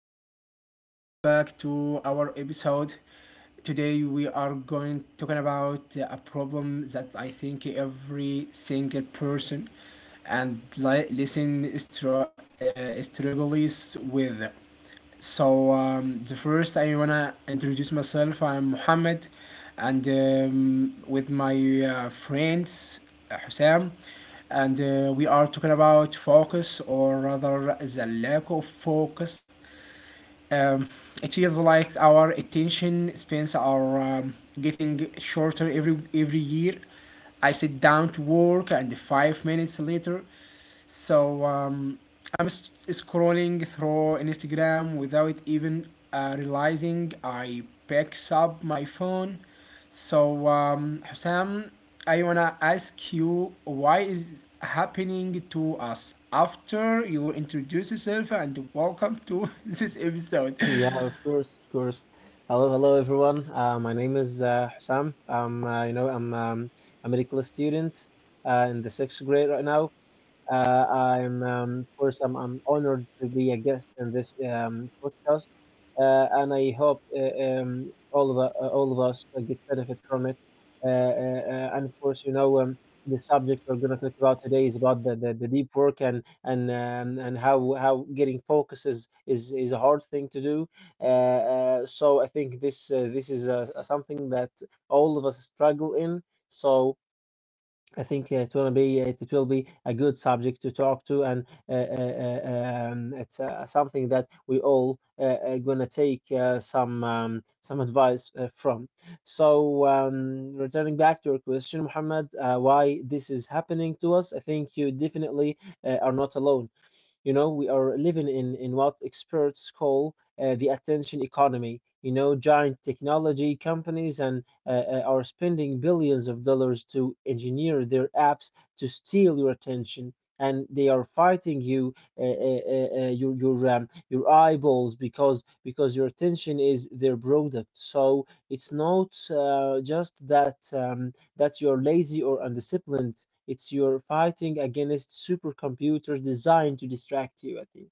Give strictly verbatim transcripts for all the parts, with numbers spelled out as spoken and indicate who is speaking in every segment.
Speaker 1: uh, welcome back to our episode. Today, we are going talking about uh, a problem that I think every single person and li- listen str- uh, struggles with. So um, the first I wanna introduce myself. I'm Mohammed, and um, with my uh, friends uh, Hussam, and uh, we are talking about focus, or rather the lack of focus. Um, it feels like our attention spans are um, getting shorter every every year. I sit down to work, and five minutes later, so um, I'm scrolling through Instagram without even uh, realizing I picks up my phone. So um, Hussam, I wanna ask you why is happening to us after you introduce yourself and welcome to this episode.
Speaker 2: Yeah, of course, of course. Hello, hello everyone. Uh, my name is uh, Hussam. I uh, you know, I'm um, a medical student uh, in the sixth grade right now. Uh, I'm, um, of course, I'm, I'm honored to be a guest in this um, podcast, uh, and I hope uh, um, all of uh, all of us uh, get benefit from it. Uh, uh, uh, and of course, you know, um, the subject we're going to talk about today is about the, the, the deep work and and um, and how how getting focus is is, is a hard thing to do. Uh, uh, so I think this uh, this is uh, something that all of us struggle in. So I think it will be it, will be a good subject to talk to, and uh, uh, uh, um, it's uh, something that we all uh, are gonna take uh, some um, some advice uh, from. So um, returning back to your question, Muhammad, uh, why this is happening to us? I think you definitely uh, are not alone. You know, we are living in, in what experts call uh, the attention economy. You know, giant technology companies and uh, uh, are spending billions of dollars to engineer their apps to steal your attention. And they are fighting you, uh, uh, uh, uh, your your um, your eyeballs because because your attention is their product. So it's not uh, just that. Um, that you're lazy or undisciplined. It's you're fighting against supercomputers designed to distract you, I think.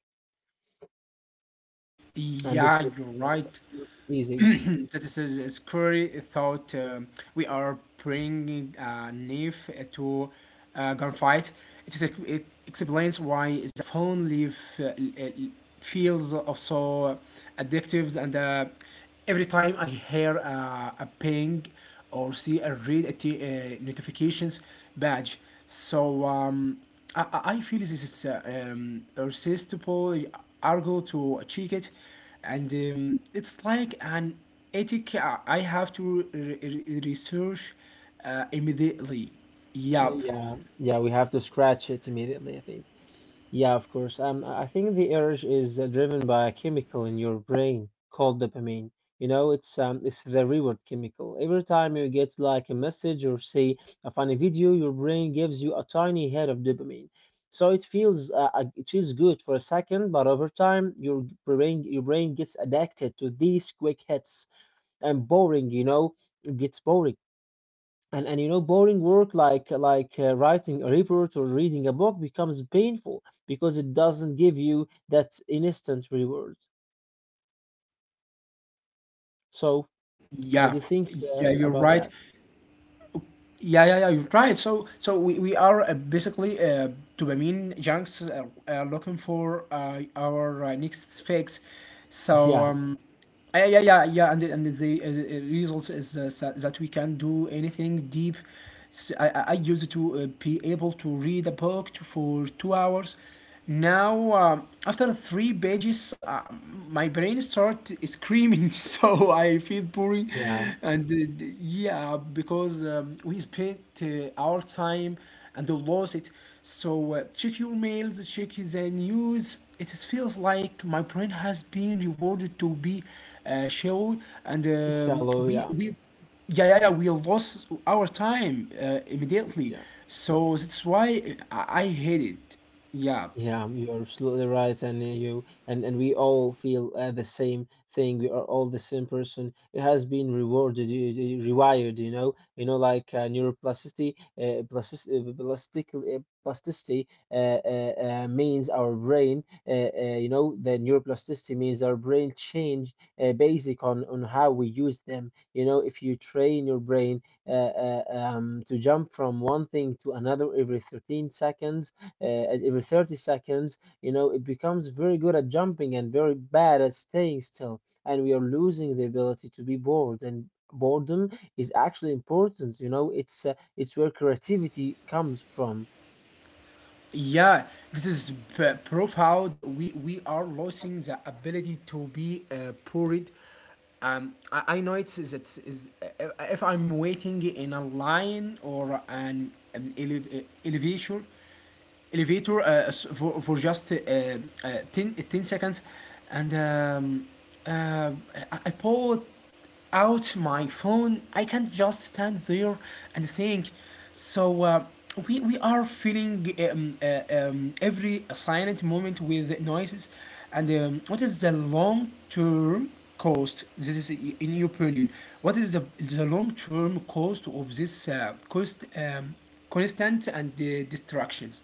Speaker 2: And this
Speaker 1: Yeah,
Speaker 2: looks
Speaker 1: you're
Speaker 2: looks-
Speaker 1: right.
Speaker 2: looks easy.
Speaker 1: that is a scary thought. Um we are bringing a knife to a gunfight. It, is, uh, it explains why the phone leave uh, l- feels so addictive, and uh, every time I hear uh, a ping or see or read a t- uh, notifications badge, so um, I, I I feel this is uh, um, irresistible. Argo to check it and um, it's like an ethic I I have to re- re- research uh, immediately. Yup.
Speaker 2: Yeah, yeah, we have to scratch it immediately, I think. Yeah, of course. Um, I think the urge is uh, driven by a chemical in your brain called dopamine. You know, it's um, it's the reward chemical. Every time you get like a message or see a funny video, your brain gives you a tiny hit of dopamine. So it feels uh, uh, it feels good for a second, but over time, your brain your brain gets addicted to these quick hits and boring. You know, it gets boring and and you know boring work like like uh, writing a report or reading a book becomes painful because it doesn't give you that instant reward so how do
Speaker 1: Yeah.
Speaker 2: you think
Speaker 1: Yeah,
Speaker 2: uh,
Speaker 1: you're
Speaker 2: about
Speaker 1: right.
Speaker 2: that
Speaker 1: Yeah, yeah, yeah, you're right. So, so we, we are uh, basically uh, dopamine junks uh, uh, looking for uh, our uh, next fix. So,
Speaker 2: yeah
Speaker 1: um, yeah yeah yeah yeah and the, and the uh, results is uh, sa- that we can do anything deep. S- i, I I used to uh, be able to read a book to, for two hours now. Um, after three pages uh, my brain start screaming. So I feel boring
Speaker 2: yeah
Speaker 1: and uh, d- yeah, because um, we spent uh, our time and lost it. So uh, check your mails, check the news. It feels like my brain has been rewarded to be uh, shallow, and um,
Speaker 2: shallow
Speaker 1: we
Speaker 2: yeah
Speaker 1: we yeah yeah yeah we lost our time uh, immediately.
Speaker 2: yeah.
Speaker 1: So that's why I, I hate it. Yeah.
Speaker 2: Yeah, you're absolutely right, and uh, you and and we all feel uh, the same thing. We are all the same person. It has been rewarded, y- y- rewired, you know, you know, like uh, neuroplasticity, uh, plasticity, plasticity, uh, plasticity uh, uh, uh, means our brain, uh, uh, You know, the neuroplasticity means our brain change uh, basic on on how we use them. You know, if you train your brain uh, uh, um, to jump from one thing to another every thirteen seconds uh, at every thirty seconds, you know, it becomes very good at jumping and very bad at staying still. And we are losing the ability to be bored. And boredom is actually important, you know, it's, uh, it's where creativity comes from.
Speaker 1: Yeah, this is p- proof how d- we, we are losing the ability to be uh, poured. Um, I, I know it's is it's is if I'm waiting in a line or an, an elev- uh, elevator, elevator uh, for, for just uh, uh, ten ten seconds and um, uh, I, I pulled out my phone. I can't just stand there and think. So uh, we, we are filling um, uh, um, every silent moment with noises, and um, what is the long term cost? This is in your opinion. What is the, the long term cost of this uh, cost um, constant and uh, distractions?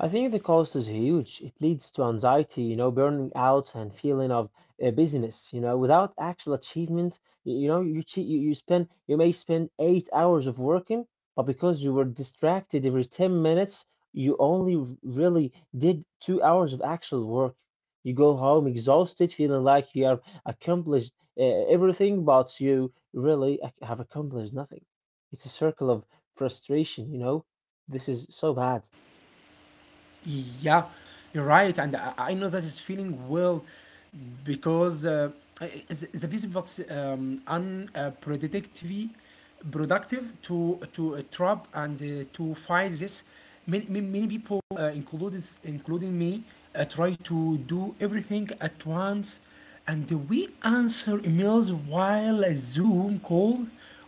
Speaker 2: I think the cost is huge. It leads to anxiety, you know, burning out and feeling of uh, busyness, you know, without actual achievement. You, you know, you, che- you you spend you may spend eight hours of working, but because you were distracted every ten minutes, you only r- really did two hours of actual work. You go home exhausted, feeling like you have accomplished uh, everything, but you really ac- have accomplished nothing. It's a circle of frustration, you know. This is so bad.
Speaker 1: Yeah, you're right, and I, I know that it's feeling well because uh, is- a busy but um, unpredictable, productive to to uh, trap and uh, to fight this. Many, many many people, uh, included including me, uh, try to do everything at once, and we answer emails while a Zoom call,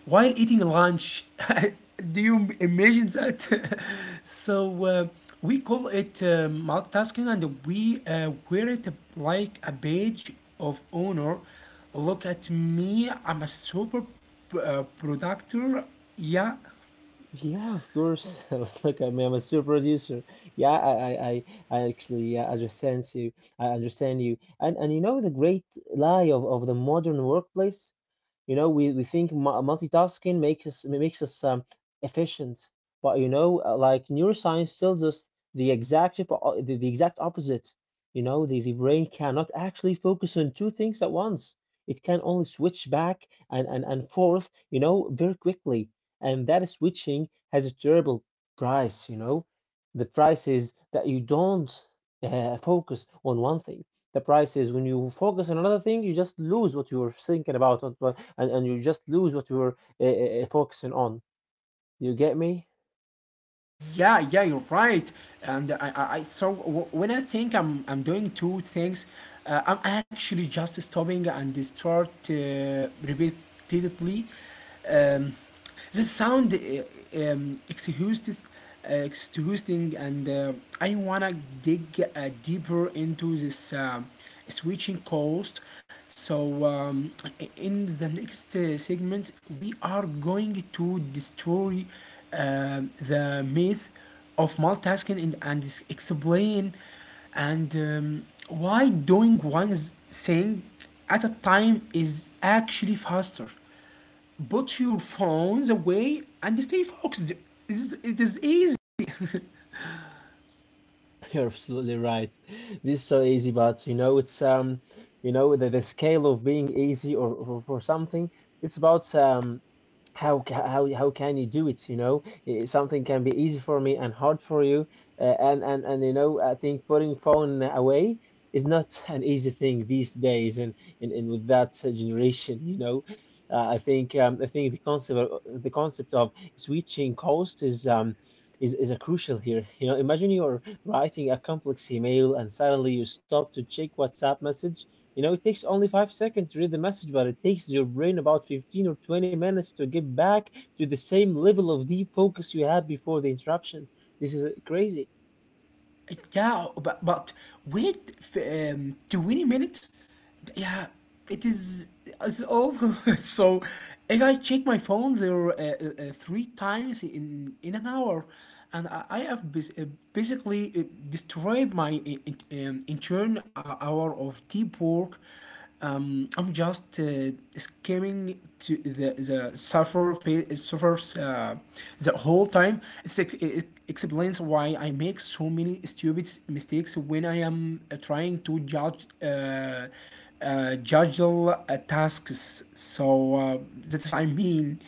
Speaker 1: while eating lunch. Do you imagine that? So uh, we call it uh, multitasking, and we uh, wear it like a badge of honor. Look at me, I'm a super p- uh, productor. Yeah,
Speaker 2: Yeah, of course. Look, I mean, I'm a super producer. Yeah, I, I, I I actually, yeah, I understand you. I understand you. And and you know the great lie of, of the modern workplace. You know, we, we think mu- multitasking makes us makes us um, efficient, but you know, uh, like neuroscience tells us the exact oppo- uh, the, the exact opposite. You know, the, the brain cannot actually focus on two things at once. It can only switch back and, and, and forth, you know, very quickly and that switching has a terrible price, you know. The price is that you don't uh, focus on one thing. The price is when you focus on another thing, you just lose what you were thinking about, what- what- and, and you just lose what you were uh, uh, uh, focusing on. You get me?
Speaker 1: Yeah, yeah, you're right. And I, I, I so w- when I think I'm, I'm doing two things, uh, I'm actually just stopping and start uh, repeatedly. Um, the sound uh, um, exhausted, uh, exhausting, and uh, I wanna dig uh, deeper into this. Um switching cost. So, um, in the next uh, segment, we are going to destroy uh, the myth of multitasking, and and explain and um, why doing one thing at a time is actually faster. Put your phones away and stay focused. It is, it is easy.
Speaker 2: You're absolutely right. This is so easy, but you know, it's um, you know, the, the scale of being easy or, or for something, it's about um, how ca- how how can you do it, you know. Eh, something can be easy for me and hard for you, uh, and and and you know, I think putting phone away is not an easy thing these days, and and, and with that uh, generation, you know, uh, I think um, I think the concept of, the concept of switching cost is um is, is a crucial here, you know. Imagine you're writing a complex email and suddenly you stop to check WhatsApp message. You know, it takes only five seconds to read the message, but it takes your brain about fifteen or twenty minutes to get back to the same level of deep focus you had before the interruption. This is uh, crazy.
Speaker 1: Yeah, but but wait f- um, twenty minutes. Yeah, it is it's over. So if I check my phone there uh, uh, uh, three times in in an hour, and I, I have bas- uh, basically uh, destroyed my uh, in- um, intern uh, hour of deep work. Um, I'm just uh, skimming to the the suffer fa- suffers uh, the whole time. It's, ex- it explains why I make so many stupid mistakes when I am uh, trying to judge uh, uh, judge all, uh, tasks. So uh, that is I mean.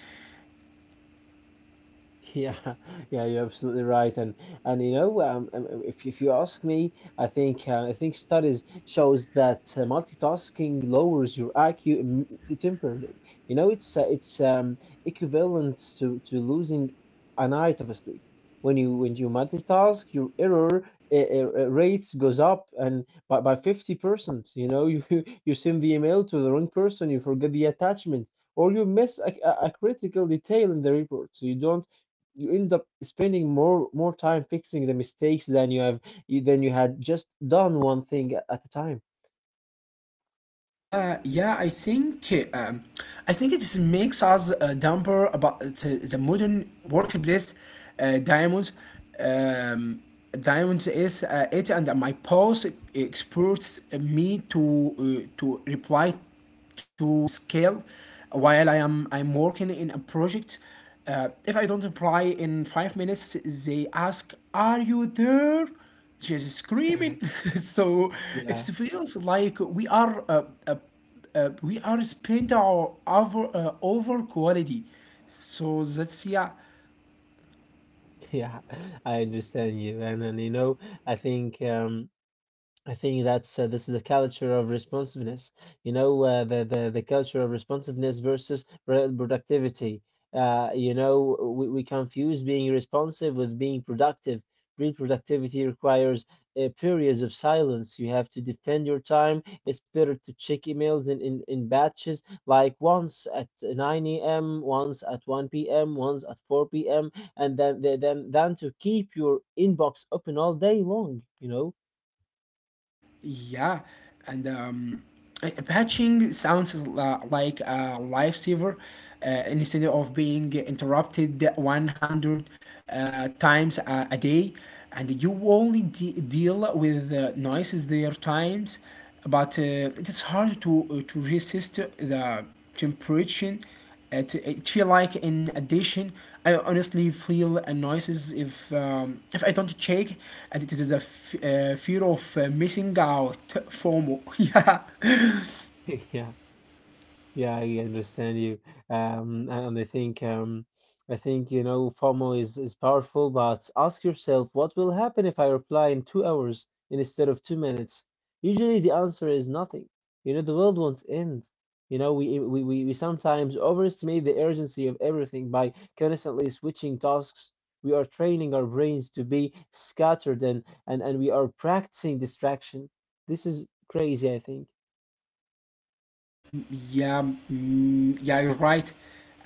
Speaker 2: Yeah, yeah, you're absolutely right, and and you know, um, um, um, if if you ask me, I think uh, I think studies shows that uh, multitasking lowers your I Q im- temporarily. You know, it's uh, it's um, equivalent to to losing a night of sleep. When you when you multitask, your error uh, uh, uh, rates goes up and by by fifty percent. You know, you you send the email to the wrong person, you forget the attachment, or you miss a, a a critical detail in the report, so you don't you end up spending more more time fixing the mistakes than you have you- than you had just done one thing a- at a time.
Speaker 1: Yeah, yeah, I think uh, um, I think it just makes us uh, dumber about the the modern workplace. Uh, diamonds, um, diamonds is uh, it, and my post experts me to uh, to reply to scale while I am I'm working in a project. Uh, if I don't reply in five minutes, they ask, "Are you there?" She's
Speaker 2: Yeah,
Speaker 1: screaming. So
Speaker 2: yeah,
Speaker 1: it feels like we are uh, uh, uh, we are spent our over uh, over quality. So that's yeah.
Speaker 2: I understand you, and and you know, I think um. I think that's uh, this is a culture of responsiveness. You know, uh, the, the the culture of responsiveness versus pro- productivity. Uh, you know, we, we confuse being responsive with being productive. Real productivity requires uh, periods of silence. You have to defend your time. It's better to check emails in, in, in batches, like once at nine a m, once at one p m, once at four p m, and then, then, than to keep your inbox open all day long, you know?
Speaker 1: Yeah, and um, uh, patching sounds as li- like a lifesaver uh, instead of being interrupted one hundred uh, times a, a day, and you only de- deal with uh, noises there times, but uh, it is hard to uh, to resist the temptation uh, to, uh, feel like in addition. I honestly feel annoyed if um, if I don't check, and it is a f- uh, fear of uh, missing out. FOMO. yeah
Speaker 2: Yeah, yeah, I understand you. Um, and and I think um, I think, you know, FOMO is is powerful, but ask yourself what will happen if I reply in two hours instead of two minutes? Usually the answer is nothing. You know, the world won't end. You know, we we we, we sometimes overestimate the urgency of everything by constantly switching tasks. We are training our brains to be scattered and and, and we are practicing distraction. This is crazy, I think.
Speaker 1: yeah mm, yeah, you're right.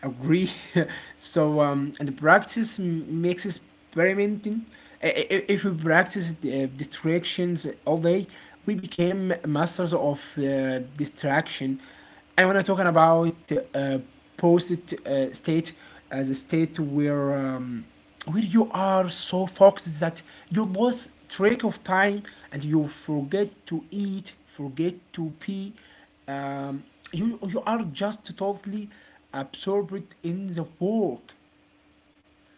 Speaker 1: Agree. So um and practice m- makes experimenting. I- I- if we practice uh, distractions all day, we became masters of uh, distraction. I wanna talking about uh, post uh, state as a state where um, where you are so focused that you lose track of time and you forget to eat, forget to pee. Um, you you are just totally absorbed in the work.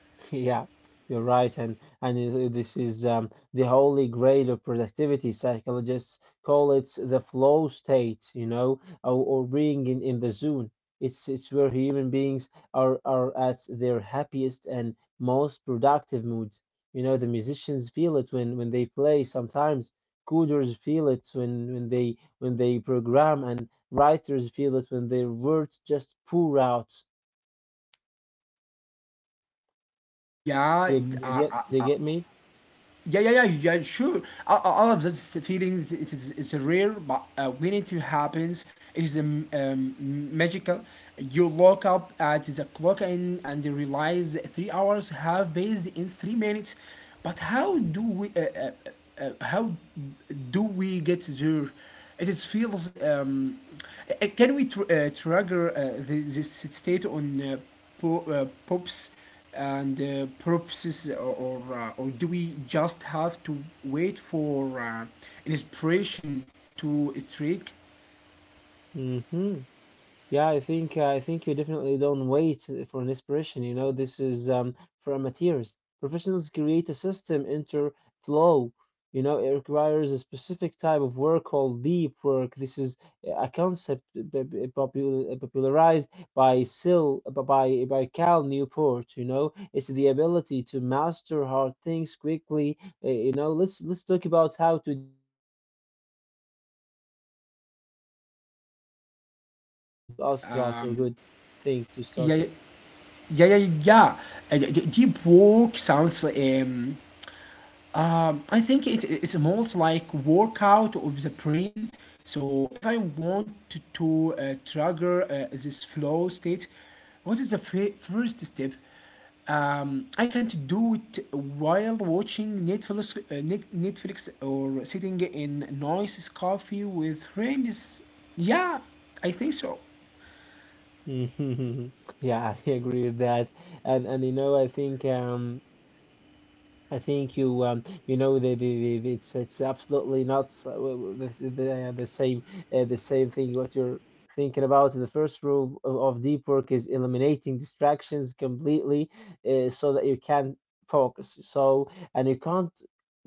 Speaker 2: Yeah, you're right, and and it- this is um, the holy grail of productivity. Psychologists call it the flow state, you know, or, or being in, in the zone. It's it's where human beings are are at their happiest and most productive moods. You know, the musicians feel it when when they play. Sometimes coders feel it when when they when they program, and writers feel it when their words just pour out.
Speaker 1: Yeah,
Speaker 2: You, you get
Speaker 1: I,
Speaker 2: you
Speaker 1: I
Speaker 2: get me?
Speaker 1: Yeah, yeah, yeah, yeah. Sure, all, all of those feelings. It is it's rare, but uh, when it happens, it's um, um, magical. You look up at the clock, and and you realize three hours have passed in three minutes. But how do we uh, uh, uh, uh, how do we get there? It is feels um, uh, can we tr- uh, trigger uh, the, this state on uh, po- uh, pops? And uh, props or or, uh, or do we just have to wait for uh, inspiration to strike?
Speaker 2: Hmm. Yeah, I think uh, I think you definitely don't wait for an inspiration. You know, this is um, for amateurs. Professionals create a system into flow. You know, it requires a specific type of work called deep work. This is a concept b- b- popul- popularized by Sil b- by by Cal Newport. You know, it's the ability to master hard things quickly. Uh, you know, let's let's talk about how to design your day to achieve deep work. Let's I think this is a good
Speaker 1: Yep,
Speaker 2: good
Speaker 1: yes.
Speaker 2: question to ask about or
Speaker 1: Um,
Speaker 2: good thing to start
Speaker 1: yeah,
Speaker 2: with.
Speaker 1: yeah, yeah, yeah. Uh, d- deep work sounds um, Uh, I think it, it's almost like workout of the brain. So if I want to, to uh, trigger uh, this flow state, what is the f- first step? Um, I can't do it while watching Netflix, uh, Net- Netflix, or sitting in nice coffee with friends. Yeah, I think so.
Speaker 2: Yeah, I agree with that. And and you know, I think um I think you um you know the, the, the it's it's absolutely not so, uh, the, the, uh, the same uh, the same thing what you're thinking about. The first rule of, of deep work is eliminating distractions completely uh, so that you can focus. So and you can't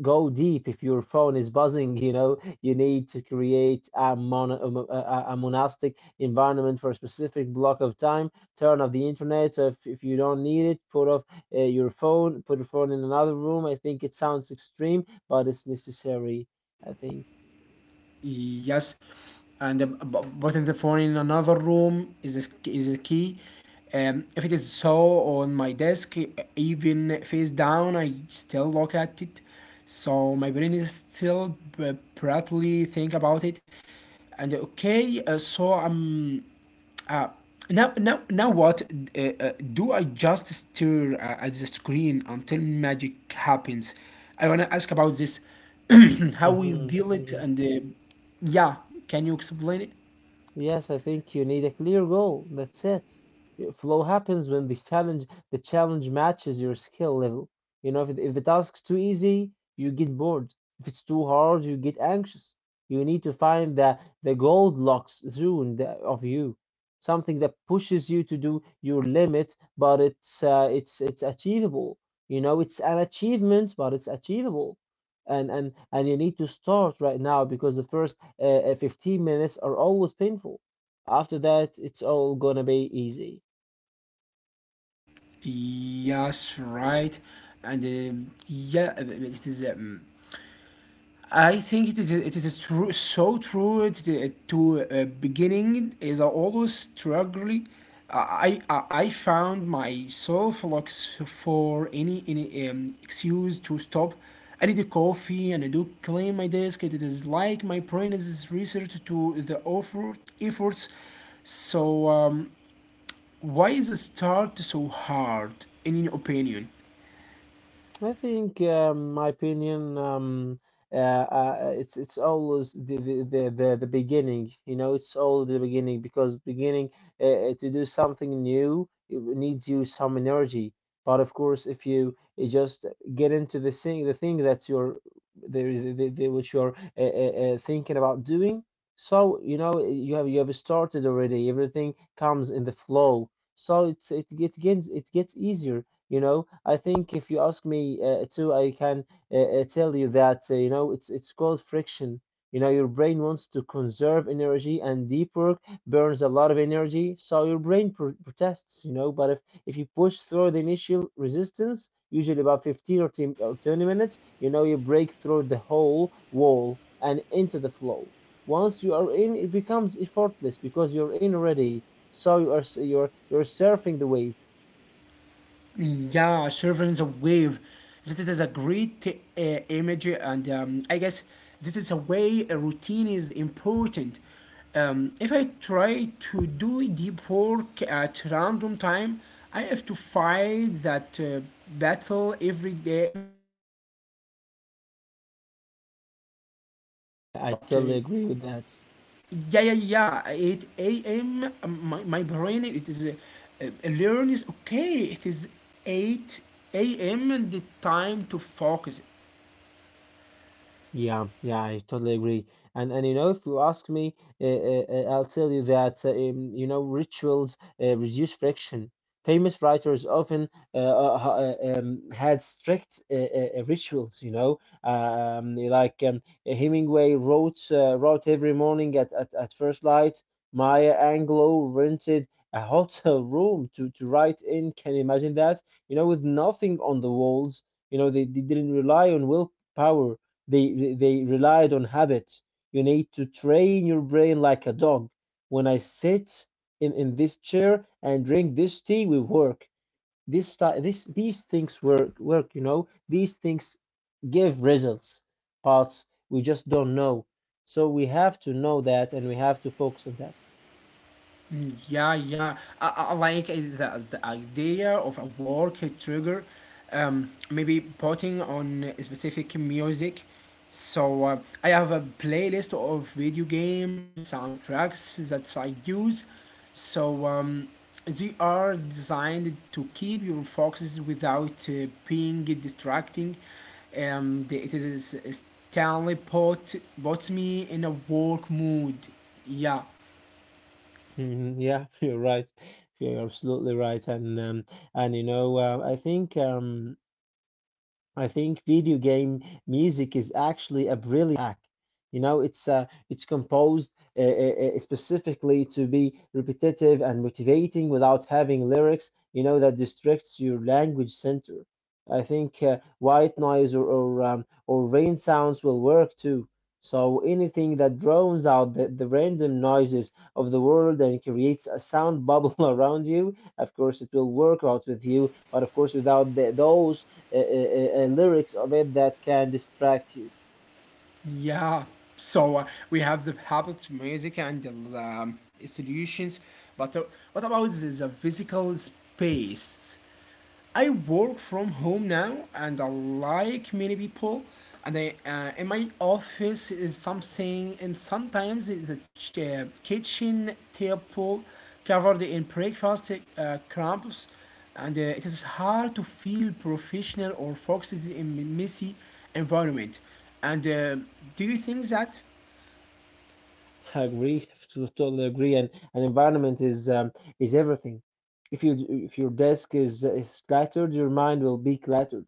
Speaker 2: go deep if your phone is buzzing. You know, you need to create a mono, a, mo- a a monastic environment for a specific block of time. Turn off the internet. So if if you don't need it, put off uh, your phone, put your phone in another room. I think it sounds extreme, but it's necessary, I think.
Speaker 1: Yes, and uh, b- putting the phone in another room is a, sk- is a key. Um, if it is so on my desk, e- even face down, I still look at it. So my brain is still b- proudly think about it. And okay, uh, so I'm now, now, now what? Uh, uh, do I just stare uh, at the screen until magic happens? I want to ask about this. How we deal it,
Speaker 2: Hmm.
Speaker 1: and uh, yeah, can you explain it?
Speaker 2: Yes, I think you need a clear goal. That's it. Flow happens when the challenge the challenge matches your skill level. You know, if it- if the task's too easy, you get bored. If it's too hard, you get anxious. You need to find the the Goldilocks zone, the, of you, something that pushes you to do your limit, but it's uh, it's it's achievable. You know, it's an achievement, but it's achievable. And and and you need to start right now because the first uh, uh, fifteen minutes are always painful. After that, it's all gonna be easy.
Speaker 1: Yes, right. And uh, yeah, uh, it is. Um, I think it is it is true, so true. it, it- to uh, Beginning is always struggle. I, I I found myself looks for any any um, excuse to stop. I need a coffee, and I do clean my desk. It is like my brain is research to the effort efforts. So um, why is the start so hard in your opinion?
Speaker 2: I think, um, my opinion, um, uh, uh, it's it's always the the, the the the beginning. You know, it's all the beginning, because beginning uh, uh, to do something new it needs you some energy. But of course, if you uh, just get into the thing, the thing that's your the, the, the, the which you're uh, uh, uh, thinking about doing. So you know you have you have started already. Everything comes in the flow. So it's it, it gets it gets easier, you know. I think if you ask me uh, too, I can uh, uh, tell you that uh, you know it's it's called friction. You know, your brain wants to conserve energy, and deep work burns a lot of energy, so your brain pr protests. You know, but if if you push through the initial resistance, usually about fifteen or ten or twenty minutes, you know, you break through the whole wall and into the flow. Once you are in, it becomes effortless because you're in already. So you are s- you're you're surfing the wave.
Speaker 1: Yeah, surfing the wave. This is a great uh, image, and um, I guess this is a way a routine is important. Um, if I try to do deep work at random time, I have to fight that uh, battle every day, every time, every day. But um, if I
Speaker 2: Yeah.
Speaker 1: do it every
Speaker 2: Yeah,
Speaker 1: day
Speaker 2: I, I
Speaker 1: at uh,
Speaker 2: totally agree with that.
Speaker 1: yeah yeah yeah eight a.m., my, my brain it is uh, uh, learns, okay, it is eight a.m. and the time to focus.
Speaker 2: Yeah, yeah, I totally agree. And and you know, if you ask me, uh, uh, uh, I'll tell you that uh, um, you know, rituals uh, reduce friction. Famous writers often uh, uh, ha- uh, um, had strict uh, uh, uh, rituals. You know, um, like, um, Hemingway wrote uh, wrote every morning at, at, at first light. Maya Angelou rented a hotel room to, to write in. Can you imagine that? You know, with nothing on the walls. You know, they, they didn't rely on willpower, they they relied on habits. You need to train your brain like a dog. When I sit in, in this chair and drink this tea, we work. This ti- this these things work work, you know. These things give results, but we just don't know. So we have to know that, and we have to focus on that.
Speaker 1: Mm, Yeah, yeah. I, I I like uh, the, the idea of a work trigger, um, maybe putting on specific music. So uh, I have a playlist of video game soundtracks that I use. So um, they are designed to keep your focuses without uh, being distracting. Um, the- it is Stanley put puts me in a work mood. Yeah.
Speaker 2: Mhm, yeah, you're right. You're absolutely right. And um, and you know, uh, I think, um I think video game music is actually a brilliant hack. You know, it's uh, it's composed uh, uh, uh, specifically to be repetitive and motivating without having lyrics, you know, that distracts your language center. I think uh, white noise, or or, um, or rain sounds, will work too. So anything that drowns out the, the random noises of the world and creates a sound bubble around you, of course it will work out with you, but of course without the, those uh, uh, uh, lyrics of it that can distract you.
Speaker 1: Yeah. So uh, we have the habit, music, and the um, solutions. But uh, what about the, the physical space? I work from home now, and I like many people. And I, uh, in my office is something, and sometimes it's a ch- uh, kitchen table covered in breakfast uh, crumbs, and uh, it is hard to feel professional or focused in messy environment. And uh, do you think that?
Speaker 2: I agree. To totally agree. And an environment is, um, is everything. If you if your desk is is cluttered, your mind will be cluttered.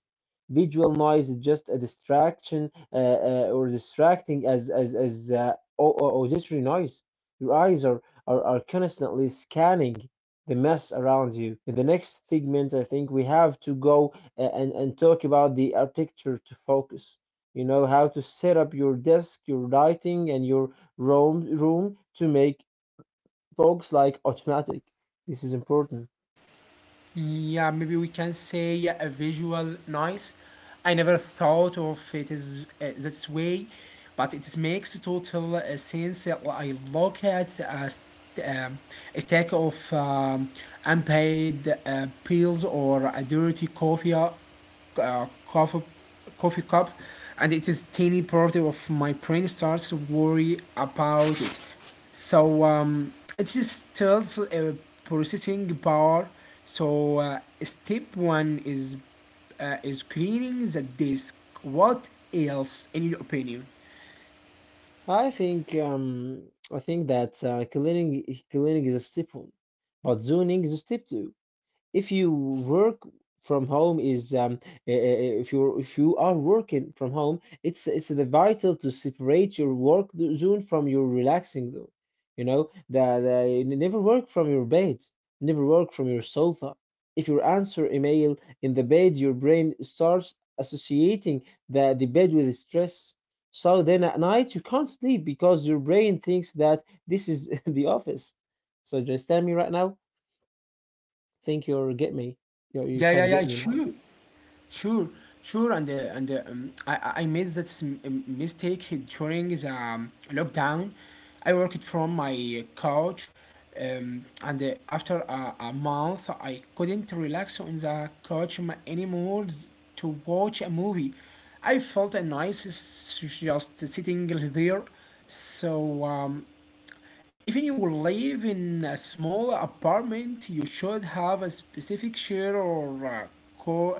Speaker 2: Visual noise is just a distraction, uh, uh, or distracting as as as uh, au- au- auditory noise. Your eyes are, are are constantly scanning the mess around you. In the next segment, I think we have to go uh, and and talk about the architecture to focus. You know, how to set up your desk, your lighting, and your room room to make folks like automatic. This is important.
Speaker 1: Yeah, maybe we can say, yeah, a visual noise. I never thought of it as uh, this way, but it makes total uh, sense. uh, I look at a, st- um, a stack of um, unpaid uh, pills, or a dirty coffee uh, uh, coffee coffee cup, and it is tiny part of my brain starts to worry about it. So um, it just tells a processing power. So uh, step one is uh, is cleaning the disk. What else, in your opinion?
Speaker 2: I think, um I think that uh, cleaning cleaning is a step one, but zoning is a step two. If you work from home is um, uh, if you if you are working from home, it's it's the vital to separate your work zone from your relaxing zone. You know that. Never work from your bed, never work from your sofa. If you answer email in the bed, your brain starts associating the, the bed with stress. So then at night you can't sleep because your brain thinks that this is the office. So do you understand me right now? Think you're get me. You you
Speaker 1: Yeah, yeah,
Speaker 2: can get
Speaker 1: yeah,
Speaker 2: me now.
Speaker 1: sure. Sure, sure, and uh, and uh, um, I I I made that s- m- mistake during the um, lockdown. I worked from my couch, um, and uh, after a, a month, I couldn't relax on the couch m- anymore s- to watch a movie. I felt nice s- just sitting there. So um, even you will live in a small apartment, you should have a specific chair or a cor-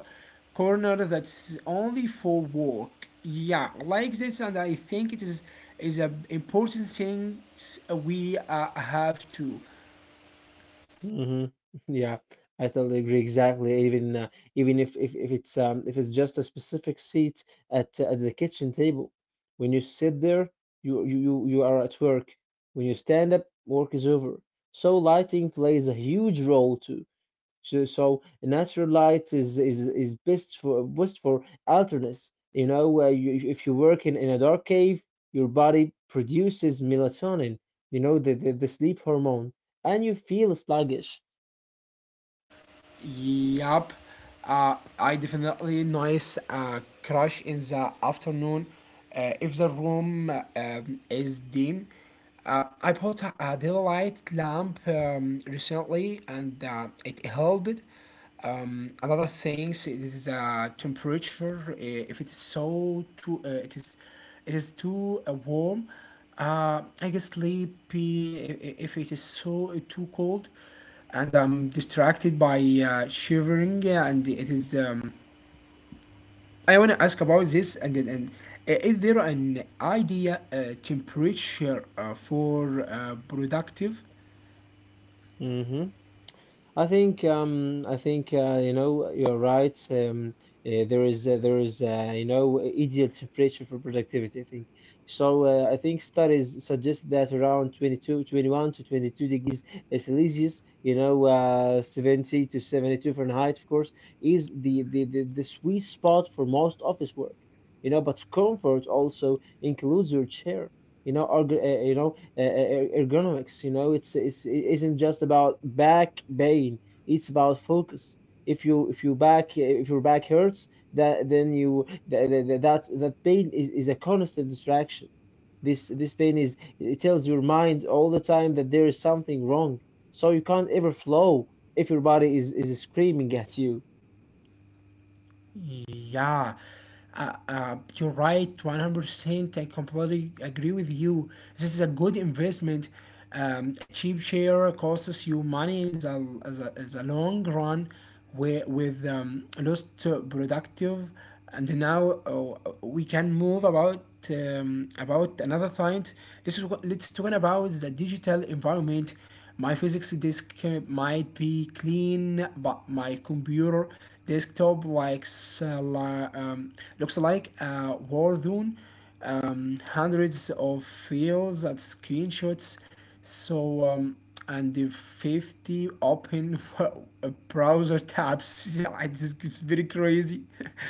Speaker 1: corner that's only for work. Yeah, like this, and I think it is is a important thing we uh, have to.
Speaker 2: Hmm. Yeah, I totally agree. Exactly. Even uh, even if, if if it's um if it's just a specific seat at uh, at the kitchen table, when you sit there, you you you you are at work. When you stand up, work is over. So lighting plays a huge role too. So, so natural light is is is best for best for alertness. You know, where you, if if you work in, in a dark cave, your body produces melatonin, you know, the, the, the sleep hormone, and you feel sluggish.
Speaker 1: Yep. uh, I definitely nice uh, crush in the afternoon. Uh, if the room um, is dim, uh, I bought a, a daylight lamp um, recently, and uh, it helped. Um, another thing is the temperature. uh, If it's so too, uh, it is, it is too uh, warm. Uh, I get sleepy i- i- if it is so uh, too cold, and I'm distracted by uh, shivering. uh, And it is. Um, I want to ask about this. And then, and uh, is there an idea uh, temperature uh, for uh, productive?
Speaker 2: Hmm. I think, um, I think, uh, you know, you're right. Um, uh, there is, uh, there is uh, you know, ideal temperature for productivity. I think so. Uh, I think studies suggest that around twenty two twenty one to twenty-two degrees Celsius, you know, uh, seventy to seventy-two Fahrenheit, of course, is the the, the the sweet spot for most office work. You know, but comfort also includes your chair. You know, org uh, you know, uh, er- ergonomics. You know, it's it's it isn't just about back pain. It's about focus. If you if you back if your back hurts, that then you that that that pain is, is a constant distraction. This this pain, is it tells your mind all the time that there is something wrong. So you can't ever flow if your body is is screaming at you.
Speaker 1: Yeah, uh, uh, you're right, one hundred percent. I completely agree with you. This is a good investment. Um, a cheap share costs you money in the, as a, as a long run with, with um, lost uh, productive. And now uh, we can move about um, about another point. This is what, let's talk about the digital environment. My physics disk uh, might be clean, but my computer desktop likes, uh, li- um, looks like a war zone. Um, hundreds of files and screenshots. So, um, and the fifty open browser tabs. Yeah, it's it's very crazy.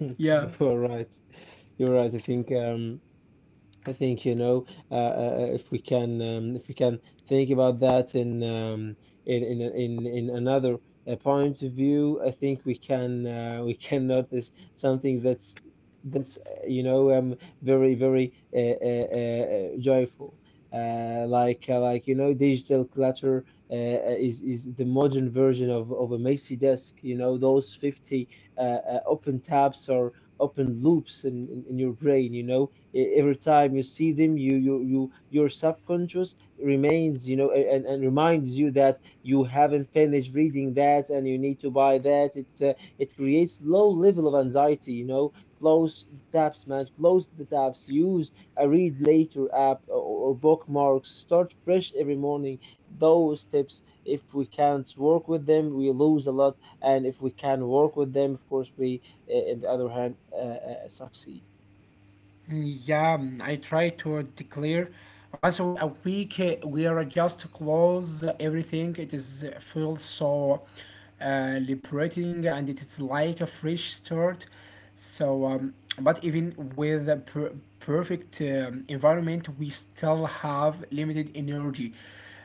Speaker 1: Yeah.
Speaker 2: You're right. You're right. I think, um I think, you know, uh, uh, uh, if we can, um, if we can think about that in um, in in in in another uh, point of view, I think we can, uh, we can notice something that's that's, uh, you know, um, very, very, uh, uh, uh, uh, joyful. Uh, like, uh, like you know, digital clutter uh, uh, is is the modern version of of a messy desk. You know, those fifty uh, uh, open tabs, or open loops in, in in your brain. You know, e- every time you see them, you you, you, your subconscious remains, you know, a- and, and reminds you that you haven't finished reading that, and you need to buy that. It uh, it creates low level of anxiety, you know. Close the tabs, man, close the tabs. Use a read later app, or, or bookmarks. Start fresh every morning. Those tips, if we can't work with them we lose a lot, and if we can work with them, of course we, uh, in the other hand, uh, uh, succeed.
Speaker 1: Yeah, mm, I try to declare once a week, a week uh, we are just close everything. It is uh, feel so uh, liberating, and it is like a fresh start. So, um, but even with a per perfect um, environment, we still have limited energy.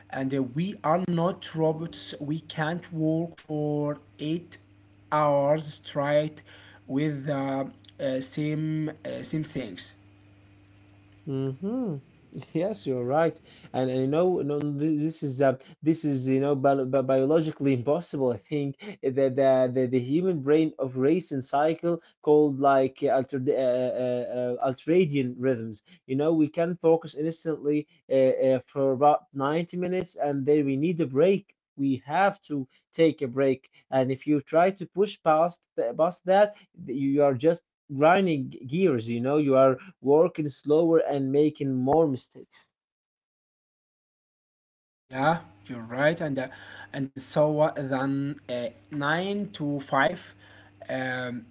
Speaker 1: And uh, we are not robots. We can't work for eight hours straight with the uh, eh, same uh, same things.
Speaker 2: Hmm. Yes, you're right. And, and you know, no, th- this is, uh, this is, you know, bi bi- biologically impossible. I think that the, the the human brain operates in cycle called like, uh, alter uh, uh, uh, ultradian rhythms. You know, we can focus instantly uh, uh, for about ninety minutes, and then we need a break. We have to take a break. And if you try to push past th- past that, you are just grinding gears. You know, you are working slower and making more mistakes.
Speaker 1: Yeah, you're right, and uh, and so uh, then uh, nine to five. Um,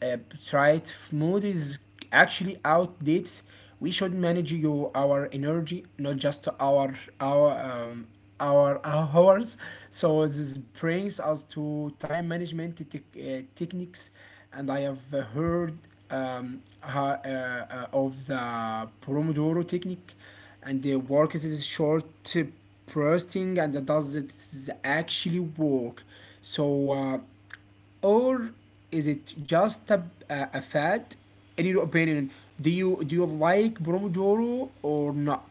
Speaker 1: uh, right mood is actually outdates. We should manage your our energy, not just our our um, our hours. So this brings us to time management tech uh, techniques, and I have uh, heard um, ha- uh, uh, of the Pomodoro technique. And the work is short uh, bursting, and does it actually work? So uh, or is it just a, a, a fad? In your opinion, do you do you like Pomodoro or not?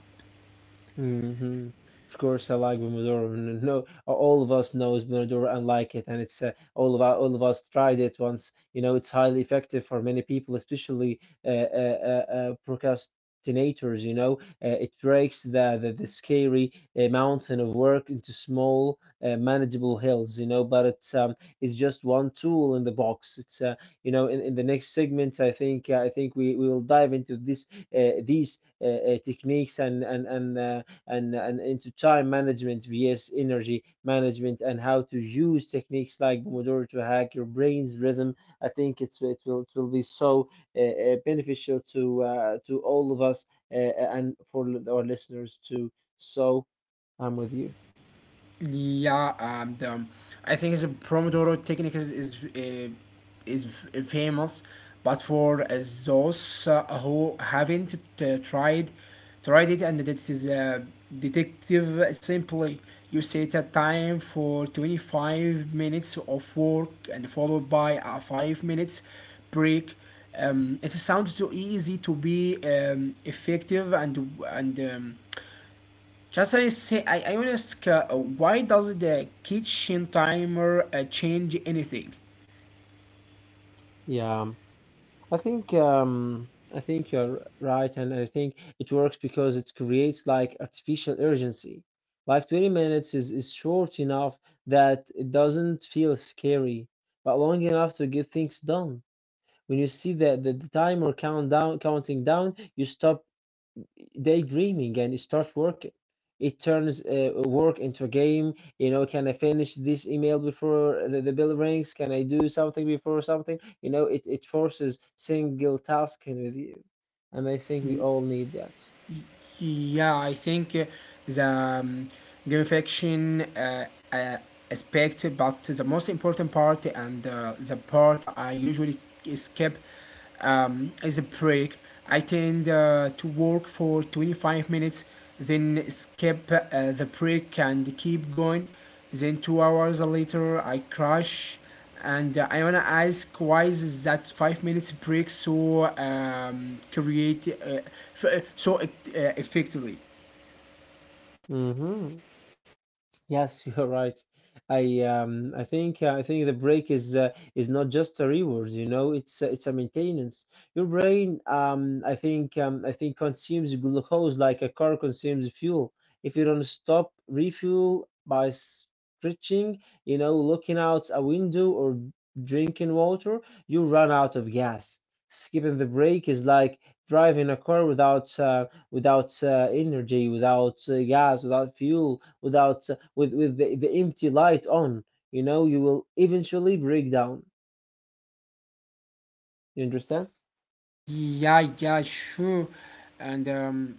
Speaker 2: Hmm. Of course, I like Pomodoro. N- No, all of us knows Pomodoro and like it, and it's uh, all of our, all of us tried it once. You know, it's highly effective for many people, especially uh, uh, uh, uh, procrastinators. You know, uh, it breaks the the, the scary uh, mountain of work into small, uh, manageable hills. You know, but it's um, it's just one tool in the box. It's uh, you know, in, in the next segment, I think, uh, I think we, we will dive into this uh, these uh, uh, techniques, and and and. Uh, and, and into time management vs energy management, and how to use techniques like Pomodoro to hack your brain's rhythm. I think it's it will, it will be so, uh, uh, beneficial to, uh, to all of us, uh, and for our listeners too. So I'm with you.
Speaker 1: Yeah, and um, I think the Pomodoro technique is is, uh, is f- uh, famous, but for uh, those uh, who haven't uh, tried tried it, and that is uh, detective simply. You set a time for twenty-five minutes of work, and followed by a five minutes break. Um, it sounds too easy to be um, effective, and and um, just I say I, I want to ask uh, why does the kitchen timer uh, change anything?
Speaker 2: Yeah. I think, um, I think you're right, and I think it works because it creates like artificial urgency. Like twenty minutes is, is short enough that it doesn't feel scary, but long enough to get things done. When you see that the, the timer countdown counting down, you stop daydreaming and start working. It turns uh, work into a game. You know, can I finish this email before the, the bell rings? Can I do something before something? You know, it, it forces single tasking with you. And I think we all need that.
Speaker 1: Yeah, I think uh, the um, gamification uh, uh, aspect, but the most important part, and uh, the part I usually skip um, is a break. I tend uh, to work for twenty-five minutes, then skip uh, the break and keep going. Then two hours later, I crash. And uh, I wanna ask, why is that five minutes break so um, create uh, f- uh, so uh, effectively?
Speaker 2: Hmm. Yes, you're right. I um I think, uh, I think the break is, uh, is not just a reward, you know, it's a, it's a maintenance. Your brain, um I think um I think, consumes glucose like a car consumes fuel. If you don't stop refuel by stretching, you know, looking out a window, or drinking water, you run out of gas. Skipping the break is like driving a car without uh, without, uh, energy, without, uh, gas, without fuel, without uh, with with the, the empty light on, you know, you will eventually break down. You understand?
Speaker 1: Yeah, yeah, sure. And um,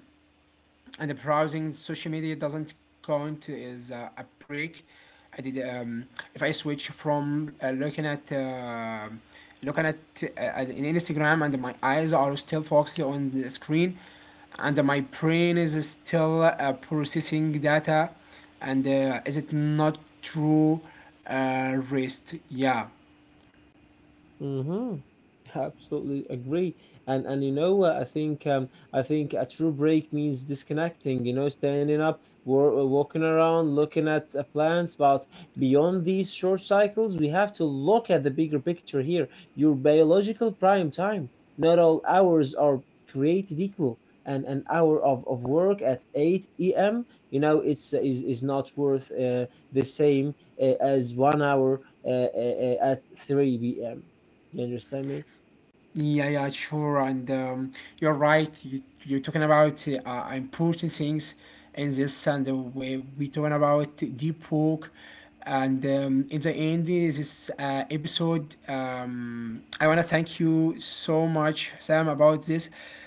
Speaker 1: and browsing social media doesn't count as a, a break. I did um, if I switch from uh, looking at uh, looking at uh, in Instagram, and my eyes are still focused on the screen, and my brain is still uh, processing data, and uh, is it not true uh, rest? Yeah.
Speaker 2: Mm-hmm. Absolutely agree. And and you know what? I think, um I think a true break means disconnecting, you know, standing up, wa- uh, walking around, looking at uh, plants. But beyond these short cycles, we have to look at the bigger picture here. Your biological prime time. Not all hours are created equal. And an hour of, of work at eight p m, you know, it's is, is not worth uh, the same uh, as one hour uh, uh, uh, at three p m. Do you understand me?
Speaker 1: Yeah, yeah, sure. And um, you're right. You, you're talking about uh, important things in this, and uh, we we talking about deep work. And um, in the end of this uh, episode, um, I wanna thank you so much, Sam, about this.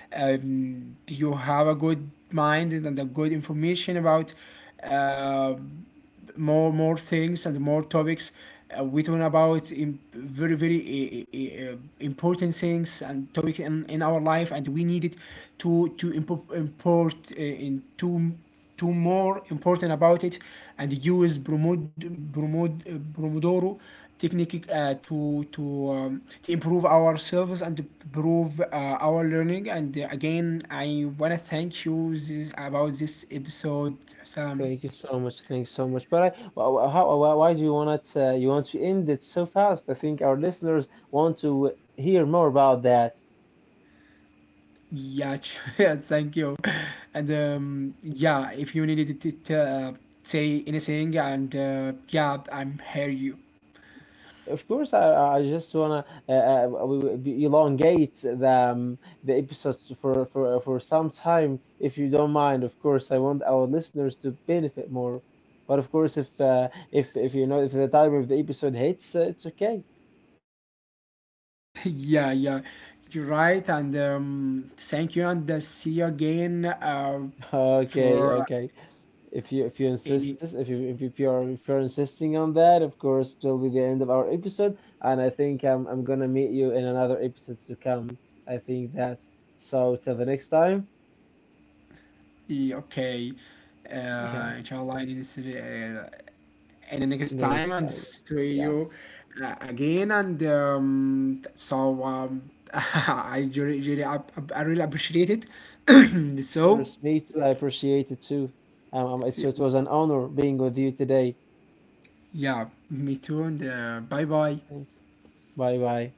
Speaker 1: Um, you have a good mind and a good information about. Uh, more more things and more topics. Uh, we talking about im- very very uh, uh, uh, important things and topic in, in our life, and we needed to to impo- import uh, into to more important about it, and use Bromod, Bromod, uh, Bromodoro technique uh, to to um, to improve ourselves and improve uh, our learning. And uh, again, I wanna thank you this, about this episode, Sam.
Speaker 2: Thank you so much. Thank you so much. But I, wh- wh- how, why, why do you want it? Uh, you want to end it so fast? I think our listeners want to hear more about that.
Speaker 1: Yeah, yeah, thank you. And um, yeah, if you needed to to, uh, say anything, and uh, yeah, I'm here. You,
Speaker 2: Of course, I, I I just wanna uh, uh, we- we- be- elongate the um, the episodes for, for for some time, if you don't mind. Of course, I want our listeners to benefit more. But of course, if uh, if if you know, if the time of the episode hits, uh, it's okay.
Speaker 1: yeah, yeah, you're right. And um, thank you, and uh, see you again uh,
Speaker 2: Okay,
Speaker 1: for
Speaker 2: okay. If you if you
Speaker 1: any.
Speaker 2: insist this. If you if you if you're if you're insisting on that, of course, it will be the end of our episode, and I think I'm I'm gonna meet you in another episode to come. I think that. So till the next time,
Speaker 1: Yeah, okay.
Speaker 2: yeah,
Speaker 1: Uh, inshallah, I need to see, uh, and the next
Speaker 2: in the
Speaker 1: time,
Speaker 2: next
Speaker 1: and
Speaker 2: times,
Speaker 1: see
Speaker 2: yeah.
Speaker 1: you uh, again. And um, so um, I really, really, ap- ap- I really appreciate it.
Speaker 2: Of
Speaker 1: So,
Speaker 2: course, me too. I appreciate it too. Um, um, it's, it was an honor being with you today.
Speaker 1: yeah, me too. And uh, bye bye.
Speaker 2: Thank you. Bye bye.